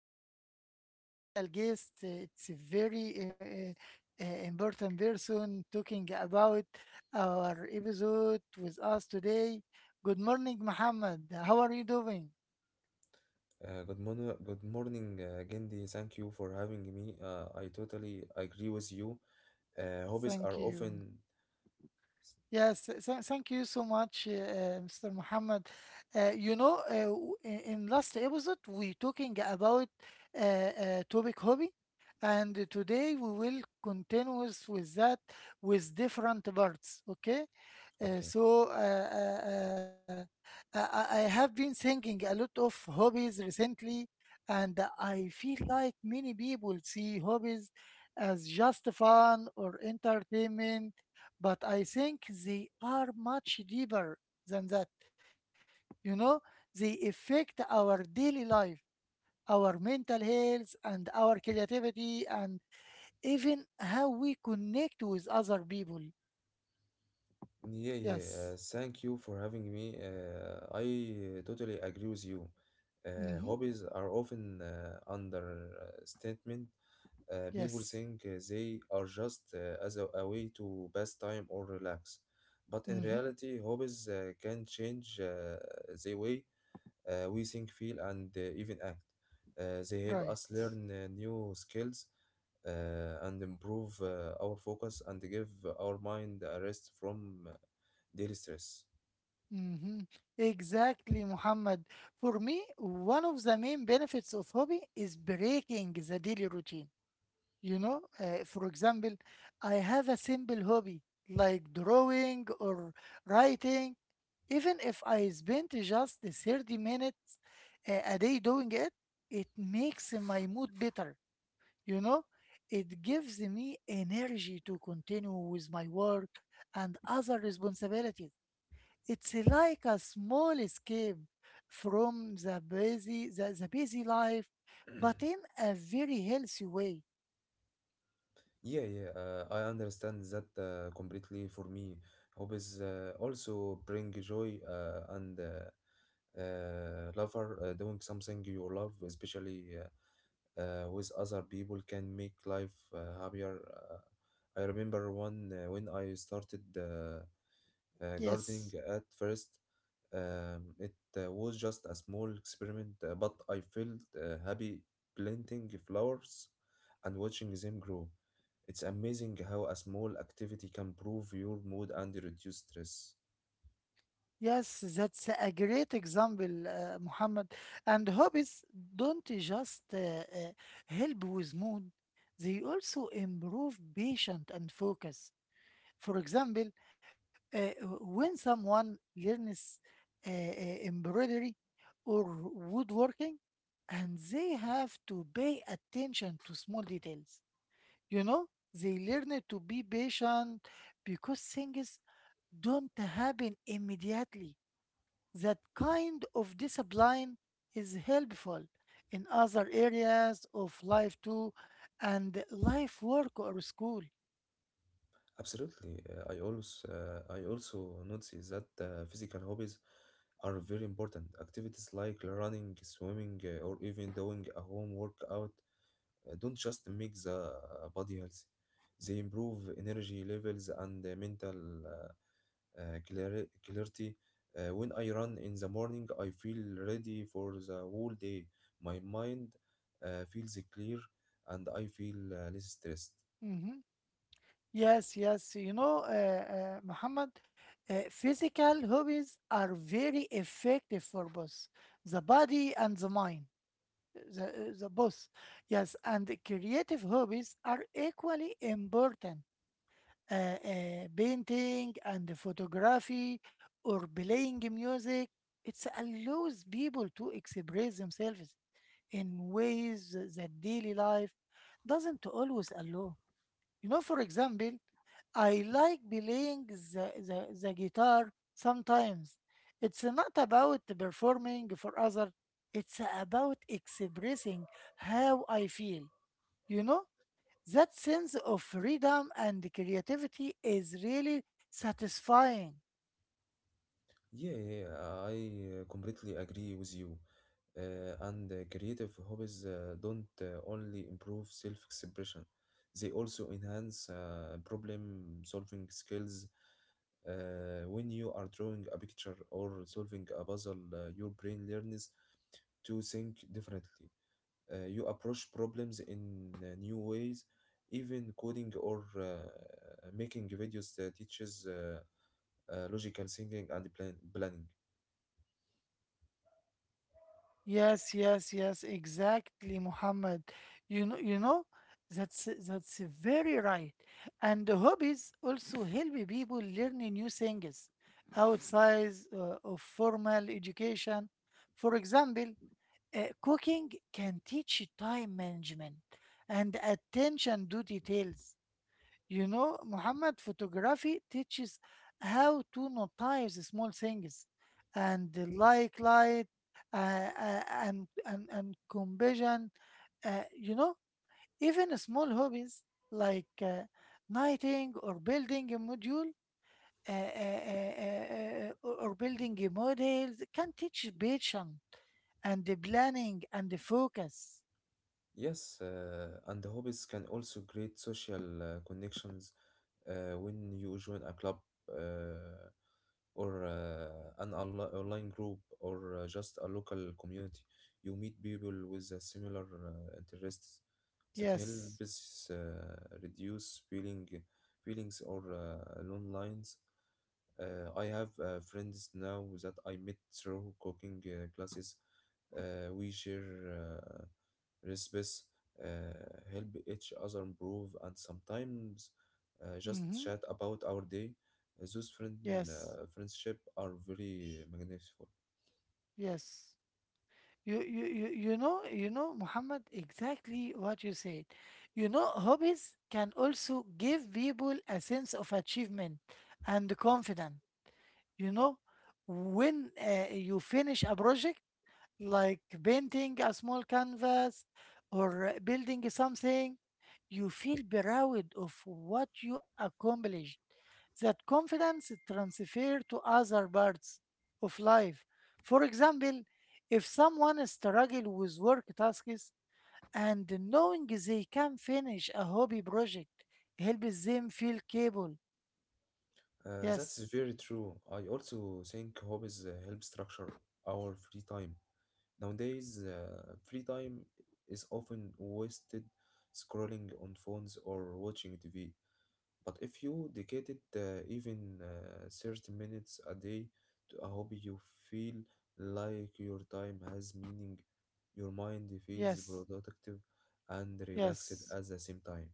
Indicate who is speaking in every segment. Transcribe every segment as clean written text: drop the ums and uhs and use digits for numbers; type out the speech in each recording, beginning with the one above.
Speaker 1: today a special guest. It's a very important person talking about our episode with us today. Good morning, Muhammad. How are you doing?
Speaker 2: Good morning, good morning, Gendy. Thank you for having me. I totally agree with you. Hobbies
Speaker 1: Thank
Speaker 2: are
Speaker 1: you.
Speaker 2: often
Speaker 1: Yes, thank you so much, Mr. Muhammad. You know, in last episode we talking about topic hobby, and today we will continue with that with different parts. Okay, uh,
Speaker 2: okay.
Speaker 1: so uh, uh, uh, I have been thinking a lot of hobbies recently, and I feel like many people see hobbies as just fun or entertainment, but I think they are much deeper than that. You know, they affect our daily life, our mental health, and our creativity, and even how we connect with other people.
Speaker 2: Yeah, yeah.
Speaker 1: Yes.
Speaker 2: Thank you for having me. I totally agree with you.
Speaker 1: Mm-hmm.
Speaker 2: Hobbies are often understatement. People
Speaker 1: Yes.
Speaker 2: think they are just as a way to pass time or relax, but in
Speaker 1: Mm-hmm.
Speaker 2: reality, hobbies can change the way we think, feel, and even act. They help
Speaker 1: Right.
Speaker 2: us learn new skills and improve our focus and give our mind a rest from daily stress.
Speaker 1: Mm-hmm. Exactly, Muhammad. For me, one of the main benefits of hobby is breaking the daily routine. You know, for example, I have a simple hobby like drawing or writing. Even if I spent just 30 minutes a day doing it, it makes my mood better. You know, it gives me energy to continue with my work and other responsibilities. It's like a small escape from the busy, the busy life, but in a very healthy way.
Speaker 2: Yeah, yeah, I understand that completely for me. Hobbies also bring joy and lover doing something you love, especially with other people, can make life happier. I remember one when I started. Gardening
Speaker 1: Yes.
Speaker 2: at first. It was just a small experiment, but I felt happy planting flowers and watching them grow. It's amazing how a small activity can improve your mood and reduce stress.
Speaker 1: Yes, that's a great example, Muhammad. And hobbies don't just help with mood, they also improve patience and focus. For example, uh, when someone learns uh, uh, embroidery or woodworking, and they have to pay attention to small details, you know, they learn to be patient because things don't happen immediately. That kind of discipline is helpful in other areas of life too, and life work or school.
Speaker 2: Absolutely, I also notice that physical hobbies are very important. Activities like running, swimming, or even doing a home workout don't just make the body healthy. They improve energy levels and mental clarity. When I run in the morning, I feel ready for the whole day. My mind feels clear, and I feel less stressed.
Speaker 1: Mhm. Yes, yes. You know, Muhammad, physical hobbies are very effective for both the body and the mind. The both. Yes, and creative hobbies are equally important, painting and photography or playing music. It allows people to express themselves in ways that daily life doesn't always allow. You know, for example, I like playing the guitar sometimes. It's not about performing for others, it's about expressing how I feel, you know? That sense of freedom and creativity is really satisfying.
Speaker 2: Yeah, yeah, yeah, I completely agree with you. And creative hobbies don't only improve self-expression. They also enhance problem solving skills. When you are drawing a picture or solving a puzzle, your brain learns to think differently. You approach problems in new ways. Even coding or making videos teaches logical thinking and planning.
Speaker 1: Yes, yes, yes, exactly, Muhammad. You know, that's very right. And the hobbies also help people learn new things outside of formal education. For example, cooking can teach time management and attention to details. You know, Muhammad, photography teaches how to notice the small things and the like light uh, and combustion. You know, even small hobbies like knitting or building a module or building a model can teach patience and the planning and the focus.
Speaker 2: Yes, and hobbies can also create social connections when you join a club, uh, or an online group, or just a local community. You meet people with a similar interests that
Speaker 1: Yes.
Speaker 2: helps reduce feelings or lone lines. I have friends now that I met through cooking classes. We share recipes, help each other improve, and sometimes just
Speaker 1: Mm-hmm.
Speaker 2: chat about our day. Those
Speaker 1: Yes.
Speaker 2: friendship are very magnificent.
Speaker 1: Yes. Muhammad, exactly what you said. You know, hobbies can also give people a sense of achievement and confidence. You know, when you finish a project, like painting a small canvas or building something, you feel proud of what you accomplished. That confidence transfers to other parts of life. For example, if someone struggles with work tasks and knowing they can finish a hobby project helps them feel capable.
Speaker 2: That's
Speaker 1: Yes,
Speaker 2: very true. I also think hobbies help structure our free time. Nowadays, free time is often wasted scrolling on phones or watching TV. But if you dedicated even 30 minutes a day to a hobby, you feel like your time has meaning, your mind feels
Speaker 1: yes,
Speaker 2: productive and relaxed
Speaker 1: yes.
Speaker 2: at the same time.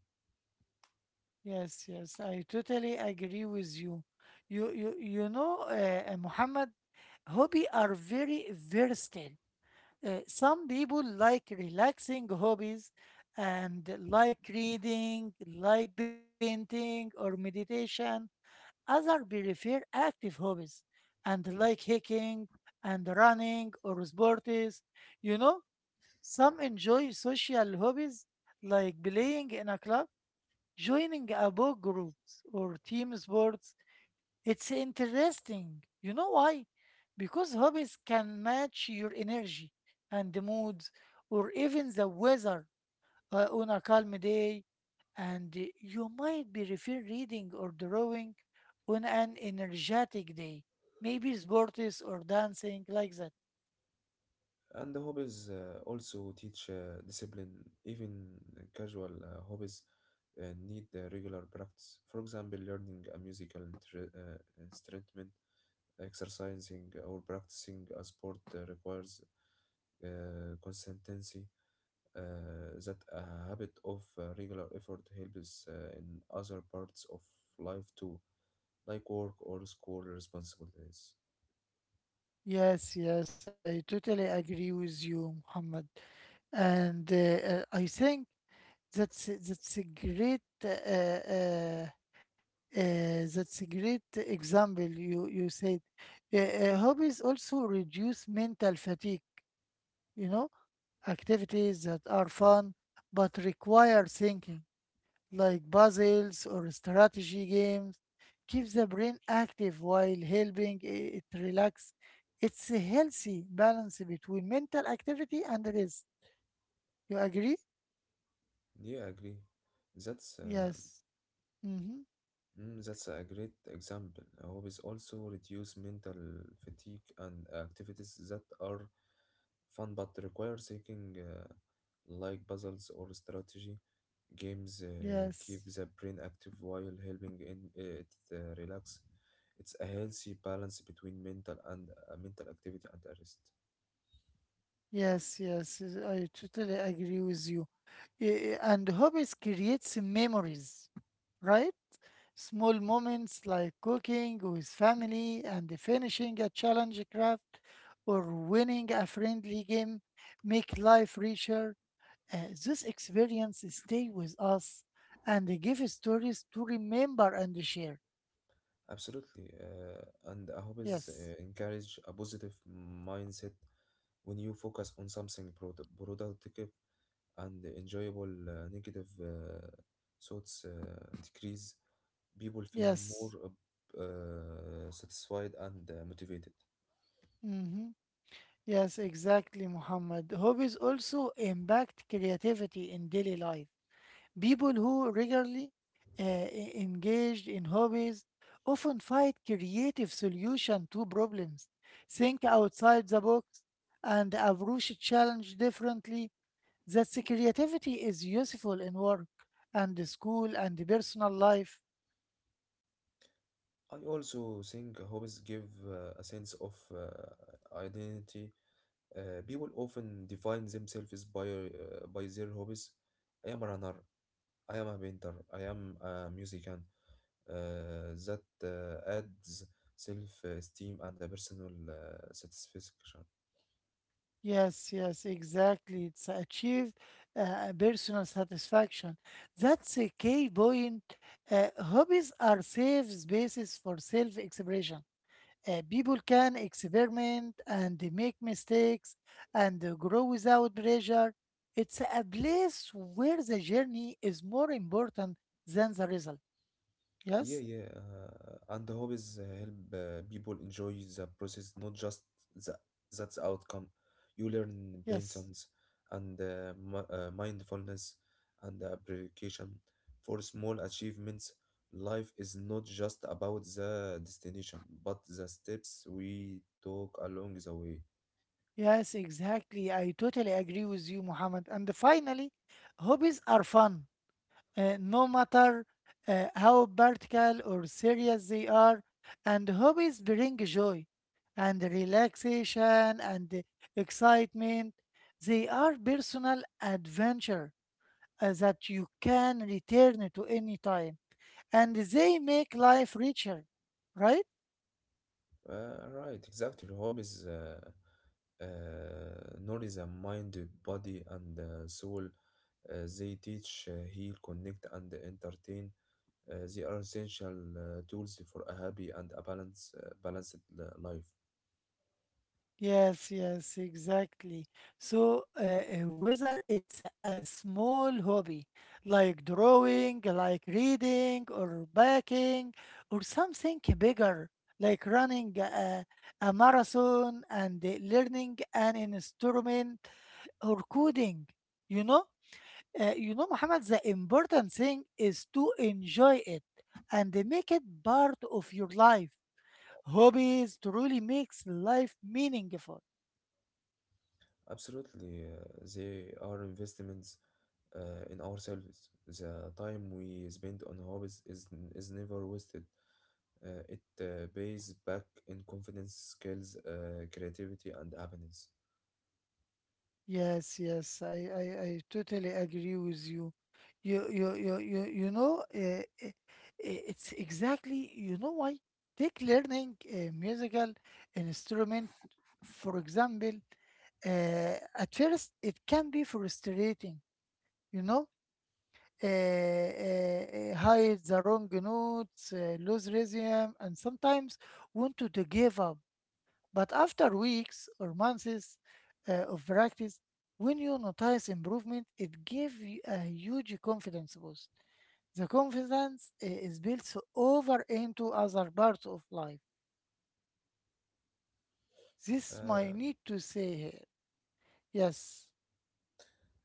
Speaker 1: Yes, yes, I totally agree with you. Muhammad, hobby are very versatile. Some people like relaxing hobbies and like reading, like painting or meditation. Other prefer active hobbies and like hiking and running or sports. You know, some enjoy social hobbies like playing in a club, joining a book groups or team sports. It's interesting. You know why? Because hobbies can match your energy and the moods or even the weather, on a calm day, and you might be prefer reading or drawing on an energetic day. Maybe sports or dancing like that.
Speaker 2: And the hobbies also teach discipline. Even casual hobbies need regular practice. For example, learning a musical instrument, exercising, or practicing a sport requires consistency. That a habit of regular effort helps in other parts of life too, like work or school responsibilities.
Speaker 1: Yes, yes, I totally agree with you, Muhammad. And I think that's a great that's a great example you you said. Hobbies also reduce mental fatigue, you know, activities that are
Speaker 2: Yeah,
Speaker 1: fun but require thinking, like puzzles or strategy games, keeps the brain active while helping it relax. It's a healthy balance between mental activity and rest. You agree?
Speaker 2: yeah, I agree. That's uh,
Speaker 1: Yes. Mm-hmm.
Speaker 2: That's a great example. Hobbies also reduce mental fatigue, and activities that are fun but require thinking, like puzzles or strategy. Games
Speaker 1: Yes.
Speaker 2: keep the brain active while helping in it relax. It's a healthy balance between mental activity and a rest.
Speaker 1: Yes, yes, yes, I totally agree with you. And hobbies creates memories, right? Small moments like cooking with family and finishing a challenge craft or winning a friendly game make life richer. This experience stay with us and they give stories to remember and share.
Speaker 2: Absolutely, and hobbies
Speaker 1: Yes,
Speaker 2: encourage a positive mindset when you focus on something productive and enjoyable. Negative thoughts decrease. People feel
Speaker 1: yes.
Speaker 2: more satisfied and motivated.
Speaker 1: Mm-hmm. Yes, exactly, Muhammad. Hobbies also impact creativity in daily life. People who regularly engaged in hobbies often find creative solution to problems, think outside the box, and approach challenge differently. That creativity is useful in work and school and personal life.
Speaker 2: I also think hobbies give a sense of identity. People often define themselves by their hobbies. I am a runner. I am a painter. I am a musician. That adds self-esteem and a personal satisfaction.
Speaker 1: Yes, yes, exactly. It's achieve personal satisfaction. That's a key point. Hobbies are safe spaces for self-expression. People can experiment and make mistakes and grow without pressure. It's a place where the journey is more important than the result.
Speaker 2: Yeah,
Speaker 1: Yes,
Speaker 2: yeah. And the hobbies help people enjoy the process, not just the that's outcome. You learn
Speaker 1: yes,
Speaker 2: paintings and mindfulness and appreciation for small achievements. Life is not just about the destination, but the steps we took along the way.
Speaker 1: yes, exactly. I totally agree with you, Muhammad. And finally, hobbies are fun, no matter how practical or serious they are, and hobbies bring joy and relaxation and excitement. They are personal adventure that you can return to any time, and they make life richer, right?
Speaker 2: Right, exactly. Hobbies uh, nourish the mind, body, and soul. They teach, heal, connect, and entertain. They are essential tools for a happy and a balanced life.
Speaker 1: Yes, yes, exactly. So, whether it's a small hobby like drawing, like reading, or baking, or something bigger like running a marathon and learning an instrument or coding, you know, you know, Muhammad, the important thing is to enjoy it and make it part of your life. Hobbies truly makes life meaningful.
Speaker 2: Absolutely, they are investments in ourselves. The time we spend on hobbies is never wasted. It pays back in confidence, skills, creativity, and happiness.
Speaker 1: Yes, yes, I totally agree with you. You, you, you, you, you know, uh, uh, it's exactly, you know why? Take learning a musical instrument, for example, uh, at first it can be frustrating, you know, hide the wrong notes, lose rhythm, and sometimes want to give up. But after weeks or months of practice, when you notice improvement, it gives you a huge confidence boost. The confidence is built over into other parts of life. This
Speaker 2: Uh.
Speaker 1: might need to say here. Yes.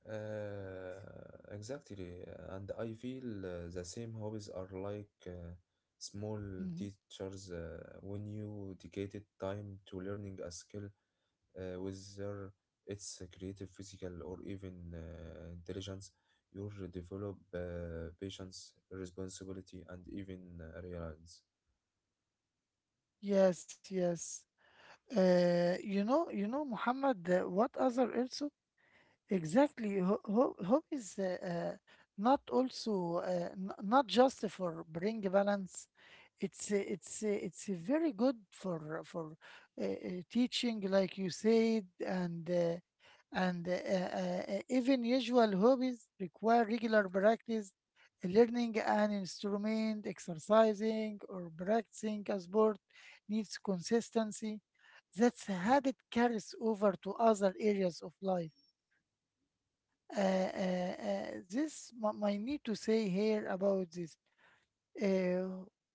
Speaker 2: Uh, exactly, and I feel the same hobbies are like small
Speaker 1: Mhm.
Speaker 2: teachers when you dedicated time to learning a skill, whether it's creative, physical, or even intelligence. You develop patience, responsibility, and even reliance.
Speaker 1: Yes, yes. You know, you know, Muhammad, what other also exactly. Hope is uh, not also not just for bring balance. It's very good for teaching, like you said, and even usual hobbies require regular practice. Learning an instrument, exercising, or practicing a sport needs consistency. That's a habit carries over to other areas of life. This my, my need to say here about this. Uh,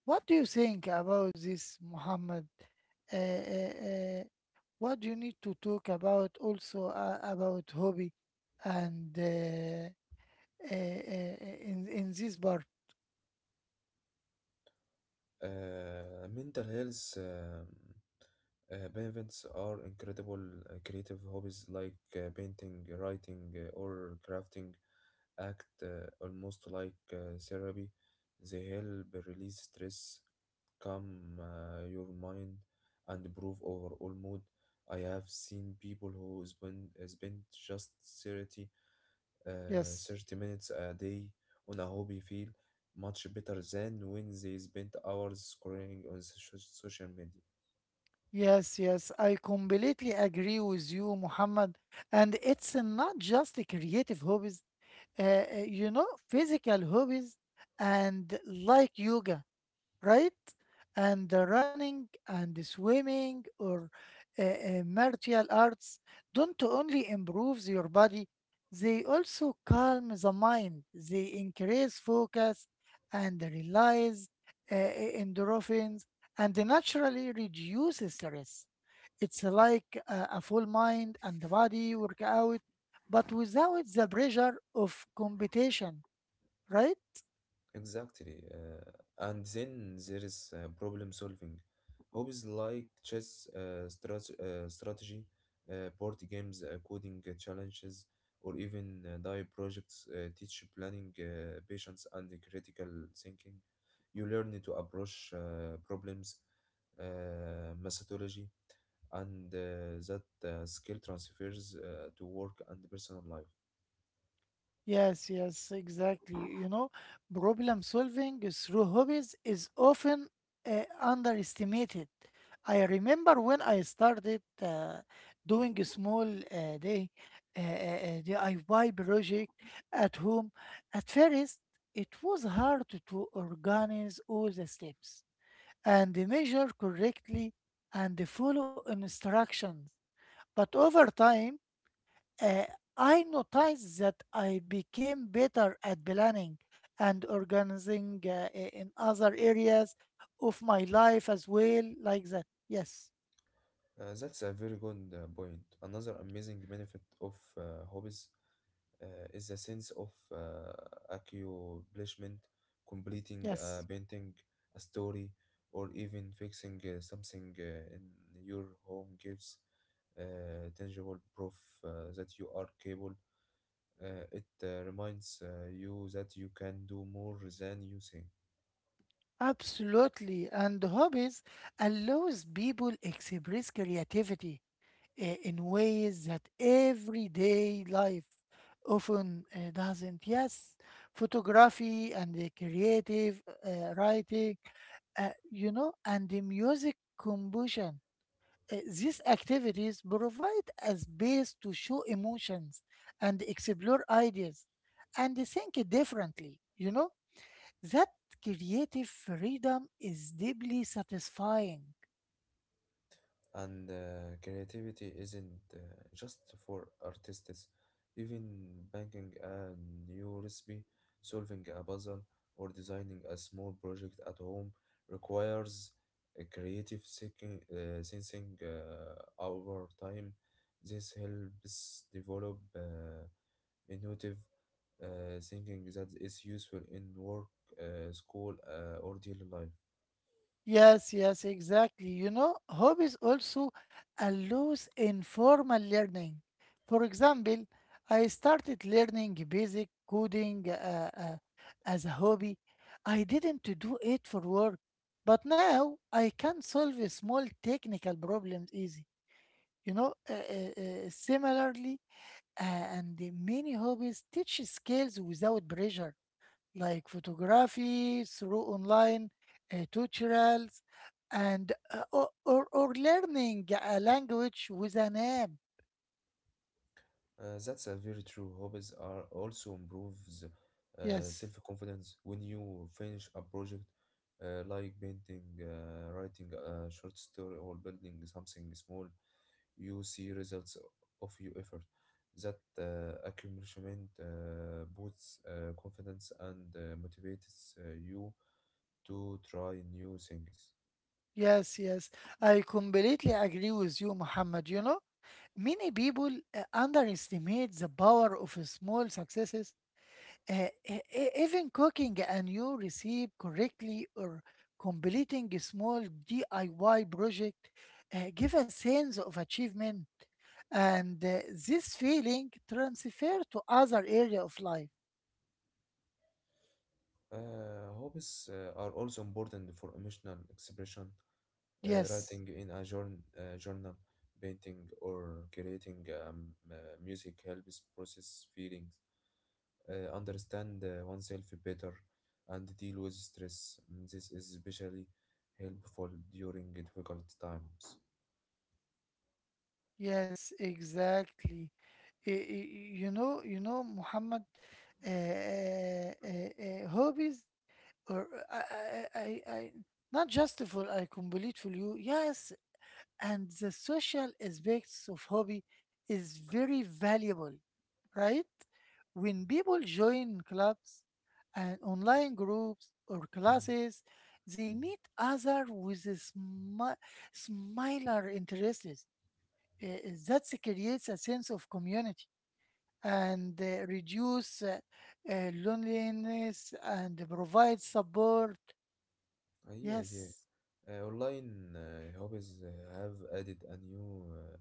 Speaker 1: what do you think about this, Muhammad? Uh, uh, uh, what do you need to talk about also about hobby and uh, uh, in this part?
Speaker 2: Mental health benefits are incredible. Creative hobbies like painting, writing, or crafting act almost like therapy. They help release stress, calm your mind, and improve overall mood. I have seen people who spend just 30 uh,
Speaker 1: Yes.
Speaker 2: 30 minutes a day on a hobby feel much better than when they spend hours scrolling on social media.
Speaker 1: Yes, yes, I completely agree with you, Muhammad. And it's not just the creative hobbies, you know, physical hobbies and like yoga, right? And the running and the swimming or martial arts don't only improve your body, they also calm the mind, they increase focus and release endorphins and they naturally reduce stress. It's like a full mind and the body workout, but without the pressure of competition, right?
Speaker 2: Exactly. And then there is problem solving. Hobbies like chess, strategy, board games, coding challenges, or even die projects teach planning, patience, and critical thinking. You learn to approach problems, methodology, and that skill transfers to work and personal life.
Speaker 1: Yes, yes, exactly. You know, problem solving through hobbies is often underestimated. I remember when I started doing a small day DIY project at home. At first, it was hard to organize all the steps and measure correctly and follow instructions. But over time, uh, I noticed that I became better at planning and organizing in other areas of my life as well, like that. Yes,
Speaker 2: That's a very good point. Another amazing benefit of hobbies is the sense of uh, accomplishment. Completing a
Speaker 1: yes,
Speaker 2: painting, a story, or even fixing something in your home gives tangible proof that you are capable. It reminds you that you can do more than you think.
Speaker 1: absolutely. And hobbies allows people express creativity in ways that everyday life often doesn't. Yes, photography and the creative writing, you know, and the music composition. These activities provide a space to show emotions and explore ideas and think differently, you know? That creative freedom is deeply satisfying.
Speaker 2: And creativity isn't just for artists. Even banking a new recipe, solving a puzzle, or designing a small project at home requires a creative thinking, sensing over time. This helps develop innovative thinking that is useful in work, school, or daily life.
Speaker 1: Yes, yes, exactly. You know, hope is also a loose in formal learning. For example, I started learning basic coding as a hobby. I didn't to do it for work, but now I can solve a small technical problems easy. You know, similarly, and the many hobbies teach skills without pressure like photography through online tutorials and or learning a language with an app.
Speaker 2: That's a very true. Hobbies are also improves
Speaker 1: Yes,
Speaker 2: self-confidence when you finish a project, like painting, writing a short story, or building something small. You see results of your effort. That accomplishment boosts confidence and motivates you to try new things.
Speaker 1: yes, yes. I completely agree with you, Muhammad. You know, many people underestimate the power of small successes. Even cooking a new recipe correctly or completing a small DIY project give a sense of achievement, and this feeling transfer to other area of life.
Speaker 2: Hobbies are also important for emotional expression.
Speaker 1: Yes,
Speaker 2: Writing in a journal, painting, or creating music helps process feelings, understand oneself better, and deal with stress. This is especially helpful during difficult times.
Speaker 1: yes, exactly. You know, Muhammad, hobbies or not just for I complete for you. Yes, and the social aspects of hobby is very valuable, right? When people join clubs and online groups or
Speaker 2: Mm,
Speaker 1: classes, they
Speaker 2: mm.
Speaker 1: meet other with a similar interests. Uh, that creates a sense of community and reduce loneliness and provide support.
Speaker 2: Yeah, yeah.
Speaker 1: Yes,
Speaker 2: Online hobbies have added a new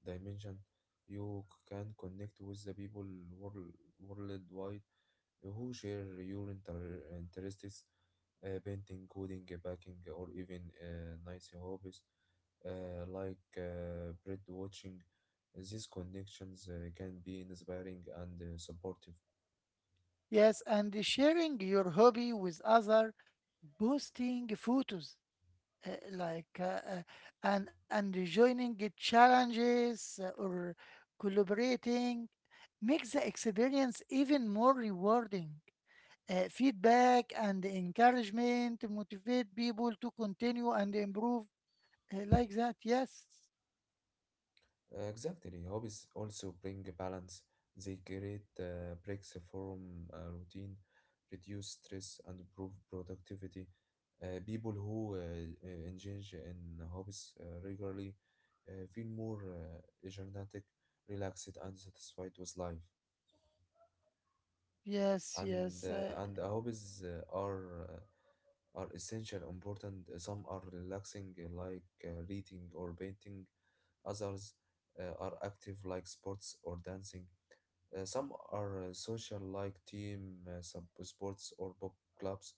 Speaker 2: dimension. You can connect with the people world, worldwide who share your interests, painting, coding, baking, or even nice hobbies like bird watching. These connections can be inspiring and supportive.
Speaker 1: yes, and sharing your hobby with other, posting photos uh, like uh, uh, and joining the challenges or collaborating makes the experience even more rewarding. Feedback and encouragement motivate people to continue and improve like that. Yes,
Speaker 2: Exactly. Hobbies also bring a balance. They create breaks from routine, reduce stress, and improve productivity. People who engage in hobbies regularly feel more energetic, relaxed, and satisfied with life,
Speaker 1: yes,
Speaker 2: and
Speaker 1: yes,
Speaker 2: uh,
Speaker 1: uh,
Speaker 2: and hobbies are essential important. Some are relaxing like reading or painting. Others are active like sports or dancing. Some are social like team sub sports or book clubs.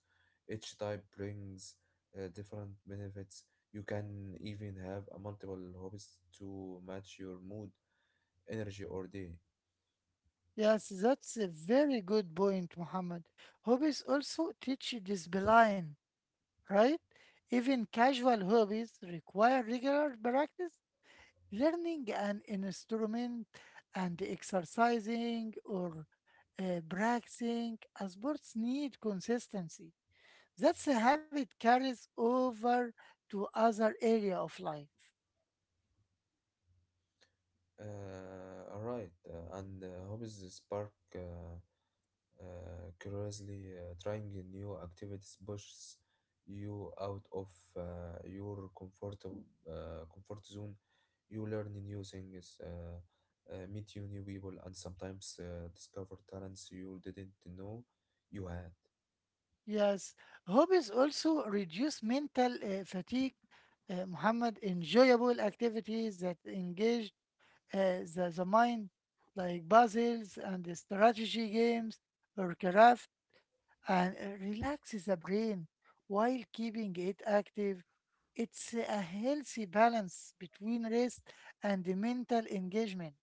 Speaker 2: Each type brings different benefits. You can even have a multiple hobbies to match your mood, energy, or day.
Speaker 1: yes. That's a very good point, Muhammad. Hobbies also teach discipline, right? Even casual hobbies require regular practice. Learning an instrument and exercising or practicing a sports need consistency. That's a habit carries over to other area of life.
Speaker 2: All right, and hobbies spark curiously. Trying a new activities pushes you out of your comfort zone. You learn new things, meet you new people, and sometimes discover talents you didn't know you had.
Speaker 1: Yes, hobbies also reduce mental fatigue. Muhammad, enjoyable activities that engage the mind, like puzzles and the strategy games or craft, and it relaxes the brain while keeping it active. It's a healthy balance between rest and the mental engagement.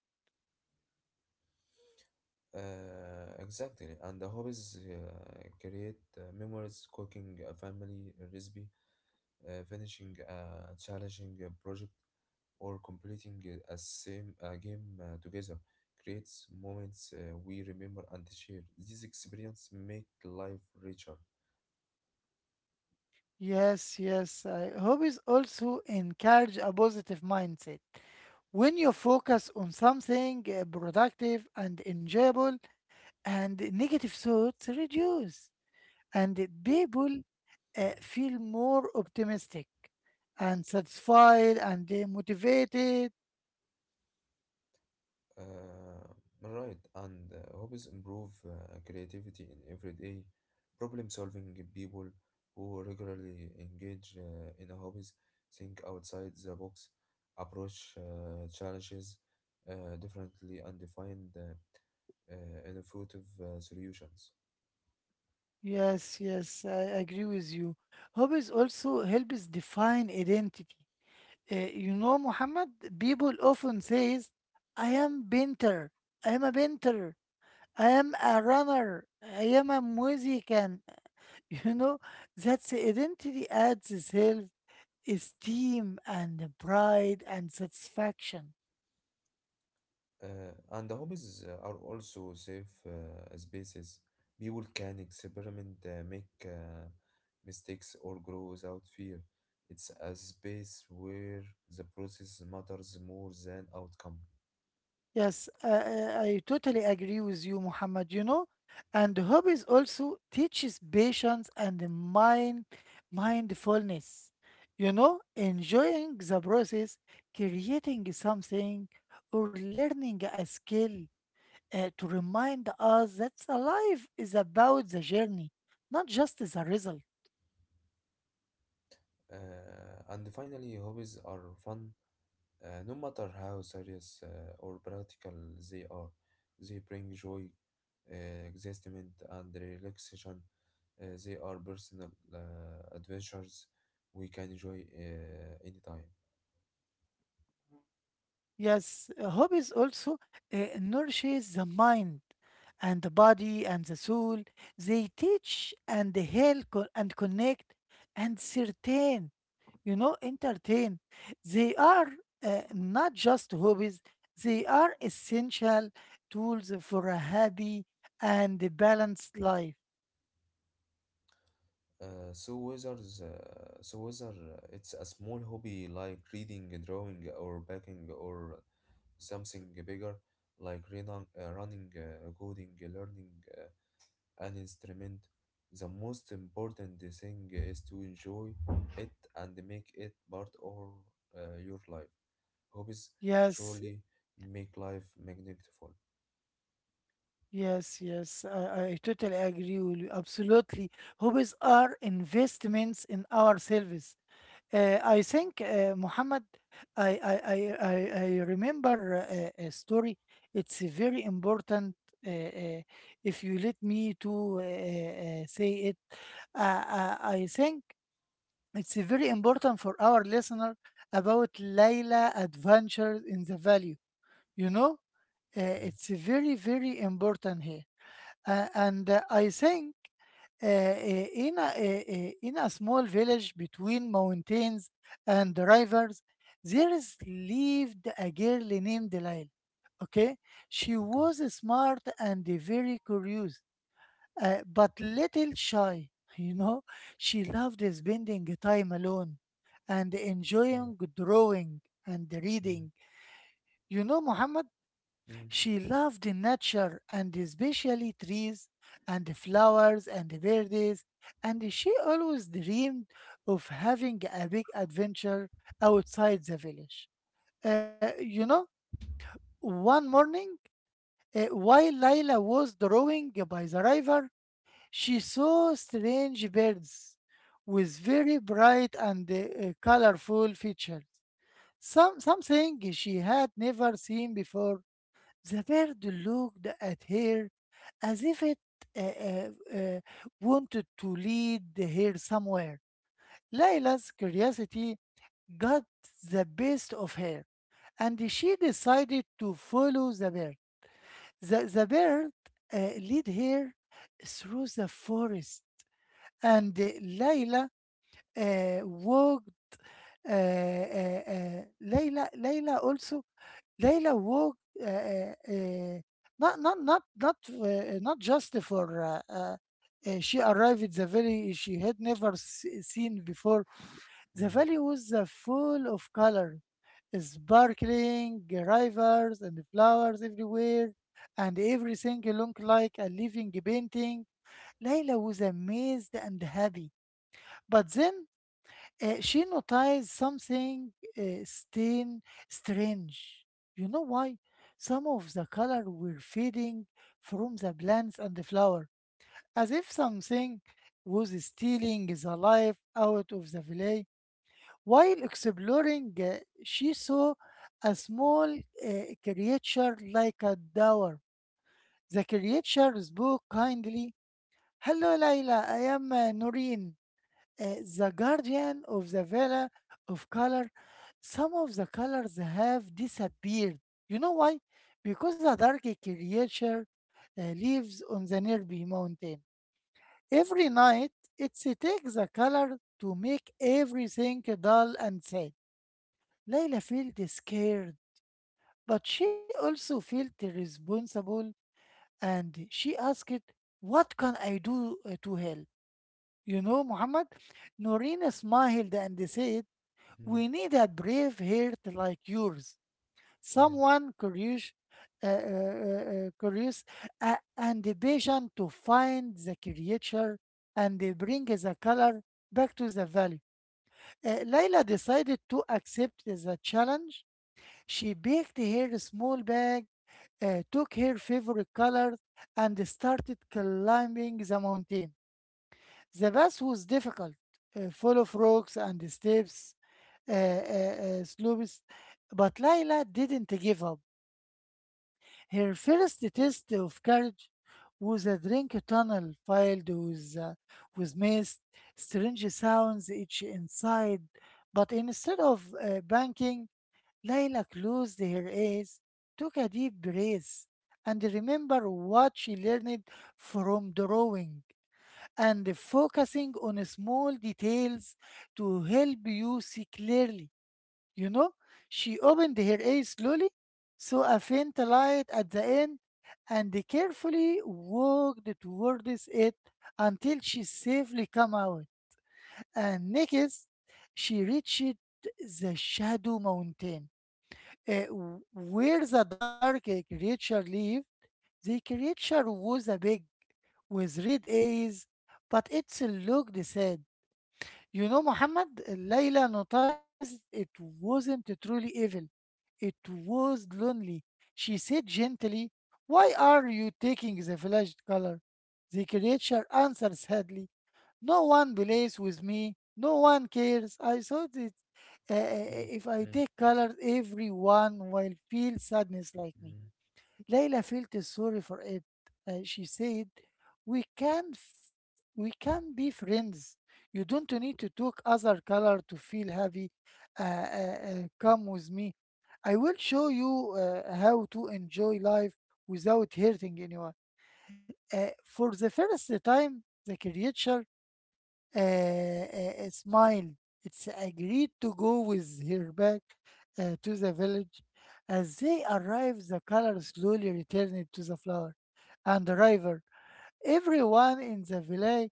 Speaker 2: Exactly, and the hobbies create memories. Cooking a family recipe, finishing a challenging project, or completing a game together creates moments we remember and share. These experiences make life richer.
Speaker 1: Yes, yes. Hobbies also encourage a positive mindset. When you focus on something productive and enjoyable, and negative thoughts reduce, and people feel more optimistic and satisfied and motivated.
Speaker 2: Uh, right, and hobbies improve creativity in everyday problem solving. People who regularly engage in hobbies think outside the box, approach challenges differently, and find innovative solutions.
Speaker 1: Yes, yes, I agree with you. Hobbies also helps define identity. You know, Muhammad, people often says, "I am painter. I am a painter. I am a runner. I am a musician." You know, that's identity adds itself esteem and pride and satisfaction.
Speaker 2: And the hobbies are also safe spaces. People can experiment, make mistakes, or grow without fear. It's a space where the process matters more than outcome.
Speaker 1: Yes, I totally agree with you, Muhammad. You know, and hobbies also teaches patience and the mindfulness. You know, enjoying the process, creating something, or learning a skill to remind us that life is about the journey, not just the result.
Speaker 2: And finally, hobbies are fun. No matter how serious or practical they are, they bring joy, excitement, and relaxation. They are personal adventures we can enjoy anytime.
Speaker 1: Yes, hobbies also nourishes the mind and the body and the soul. They teach and they help and connect and certain, you know, entertain. They are not just hobbies, they are essential tools for a happy and a balanced life.
Speaker 2: So whether it's a small hobby like reading, drawing, or baking, or something bigger like running, coding, learning. uh, an instrument. The most important thing is to enjoy it and make it part of your life. Hobbies
Speaker 1: Yes.
Speaker 2: truly make life magnificent.
Speaker 1: Yes, yes, I totally agree with you. Absolutely. Hobbies are investments in ourselves. I think, Muhammad, I, I, I, I I remember a story. It's a very important. Uh, uh, if you let me to say it, uh, I think it's very important for our listener about Layla Adventures in the Valley. You know, uh,
Speaker 2: Mm,
Speaker 1: it's very, very important here. And I think in a small village between mountains and rivers, there is lived a girl named Laila. Okay, she
Speaker 2: okay.
Speaker 1: was smart and very curious, but little shy. You know, she loved spending time alone and
Speaker 2: Yeah.
Speaker 1: enjoying drawing and
Speaker 2: Mm,
Speaker 1: reading. You know, Muhammad.
Speaker 2: mm,
Speaker 1: She loved the nature and especially trees and the flowers and the birds, and she always dreamed of having a big adventure outside the village. You know, one morning, while Laila was drawing by the river, she saw strange birds with very bright and colorful features. Something she had never seen before. The bird looked at her as if it uh, uh, uh, wanted to lead her somewhere. Layla's curiosity got the best of her, and she decided to follow the bird. The bird led her through the forest, and Layla walked Layla Layla also Layla work not not not not not just for she arrived at the valley she had never seen before. The
Speaker 2: mm,
Speaker 1: valley was full of color, sparkling rivers and flowers everywhere, and everything looked like a living painting. Layla was amazed and happy. But then she noticed something stain strange. You know why? Some of the color were fading from the plants and the flower, as if something was stealing the life out of the valley. While exploring, she saw a small creature like a dwarf. The creature spoke kindly. Hello, Layla. I am Noreen, uh, the guardian of the villa of color. Some of the colors have disappeared. You know why? Because a dark creature uh, lives on the nearby mountain. Every night, it takes a color to make everything dull and sad. Layla felt scared, but she also felt responsible and she asked, What can I do to help? You know, Muhammad, Norina smiled and said,
Speaker 2: mm,
Speaker 1: We need a brave heart like yours,
Speaker 2: yeah.
Speaker 1: someone curious, curious and the patient to find the creature and they bring the color back to the valley. Layla decided to accept the challenge. She baked her small bag, took her favorite colors, and started climbing the mountain. The path was difficult, full of rocks and steps, slopes, but Laila didn't give up. Her first test of courage was a drink tunnel filled with mist, strange sounds each inside. But instead of banking, Laila closed her eyes, took a deep breath, and remembered what she learned from drawing and focusing on small details to help you see clearly. You know, she opened her eyes slowly, saw a faint light at the end, and carefully walked towards it until she safely came out. And next, she reached the Shadow Mountain, uh, where the dark creature lived. The creature was a big, with red eyes, but it looked sad. You know, Muhammad, Layla noticed it wasn't truly evil. It was lonely. She said gently, Why are you taking the flesh color? The creature answered sadly, No one plays with me. No one cares. I thought that
Speaker 2: Mm,
Speaker 1: if I
Speaker 2: mm,
Speaker 1: take colors, everyone will feel sadness like me.
Speaker 2: mm,
Speaker 1: Layla felt sorry for it. She said, "We can, we can be friends. You don't need to talk other color to feel happy. Come with me. I will show you how to enjoy life without hurting anyone." For the first time, the creature smiled. It's agreed to go with her back to the village. As they arrived, the color slowly returned to the flower and the river. Everyone in the village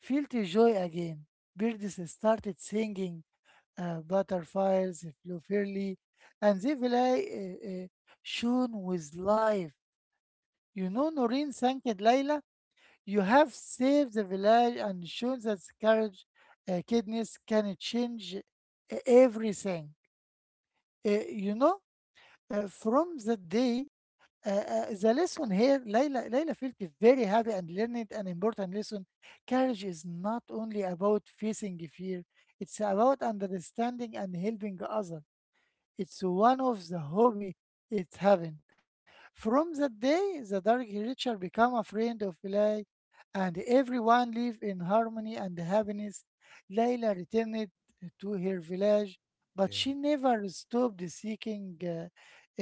Speaker 1: felt joy again. Birds started singing, butterflies flew fairly, and the village uh, uh, shone with life. You know, Noreen thanked Layla. You have saved the village and shown that courage, kindness can change everything. Uh, you know, from that day, the lesson here, Layla, Layla felt very happy and learned an important lesson. Courage is not only about facing fear, it's about understanding and helping others. It's one of the hobby it's having. From that day, the dark creature became a friend of Eli, and everyone lived in harmony and happiness. Layla returned to her village, but
Speaker 2: yeah.
Speaker 1: she never stopped seeking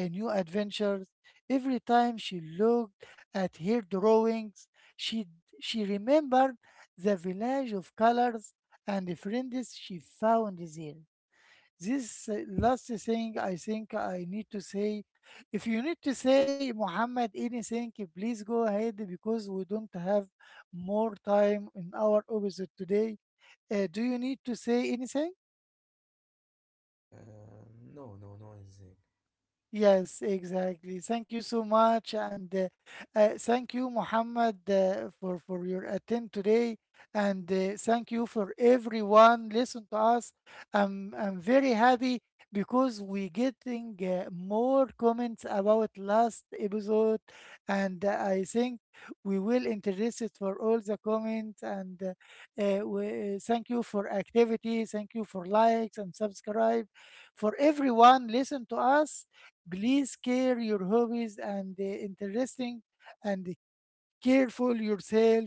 Speaker 1: a new adventures. Every time she looked at her drawings, she she remembered the village of colors and the friends she found there. This last thing I think I need to say. If you need to say, Muhammad, anything, please go ahead because we don't have more time in our episode today. Do you need to say anything?
Speaker 2: Uh, no, no, no, I think.
Speaker 1: Yes, exactly. Thank you so much, and thank you, Muhammad, for your attend today, and thank you for everyone listen to us. I'm very happy because we getting more comments about last episode, and I think we will interest it for all the comments. And thank you for activity, thank you for likes and subscribe, for everyone listen to us. Please care your hobbies and interesting and careful yourself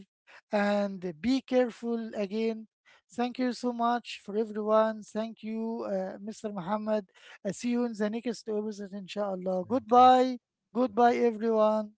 Speaker 1: and be careful again. Thank you so much for everyone. Thank you, Mr. Muhammad. I see you in the next episode, inshallah.
Speaker 2: Thank you.
Speaker 1: Goodbye. Goodbye,
Speaker 2: Goodbye.
Speaker 1: everyone.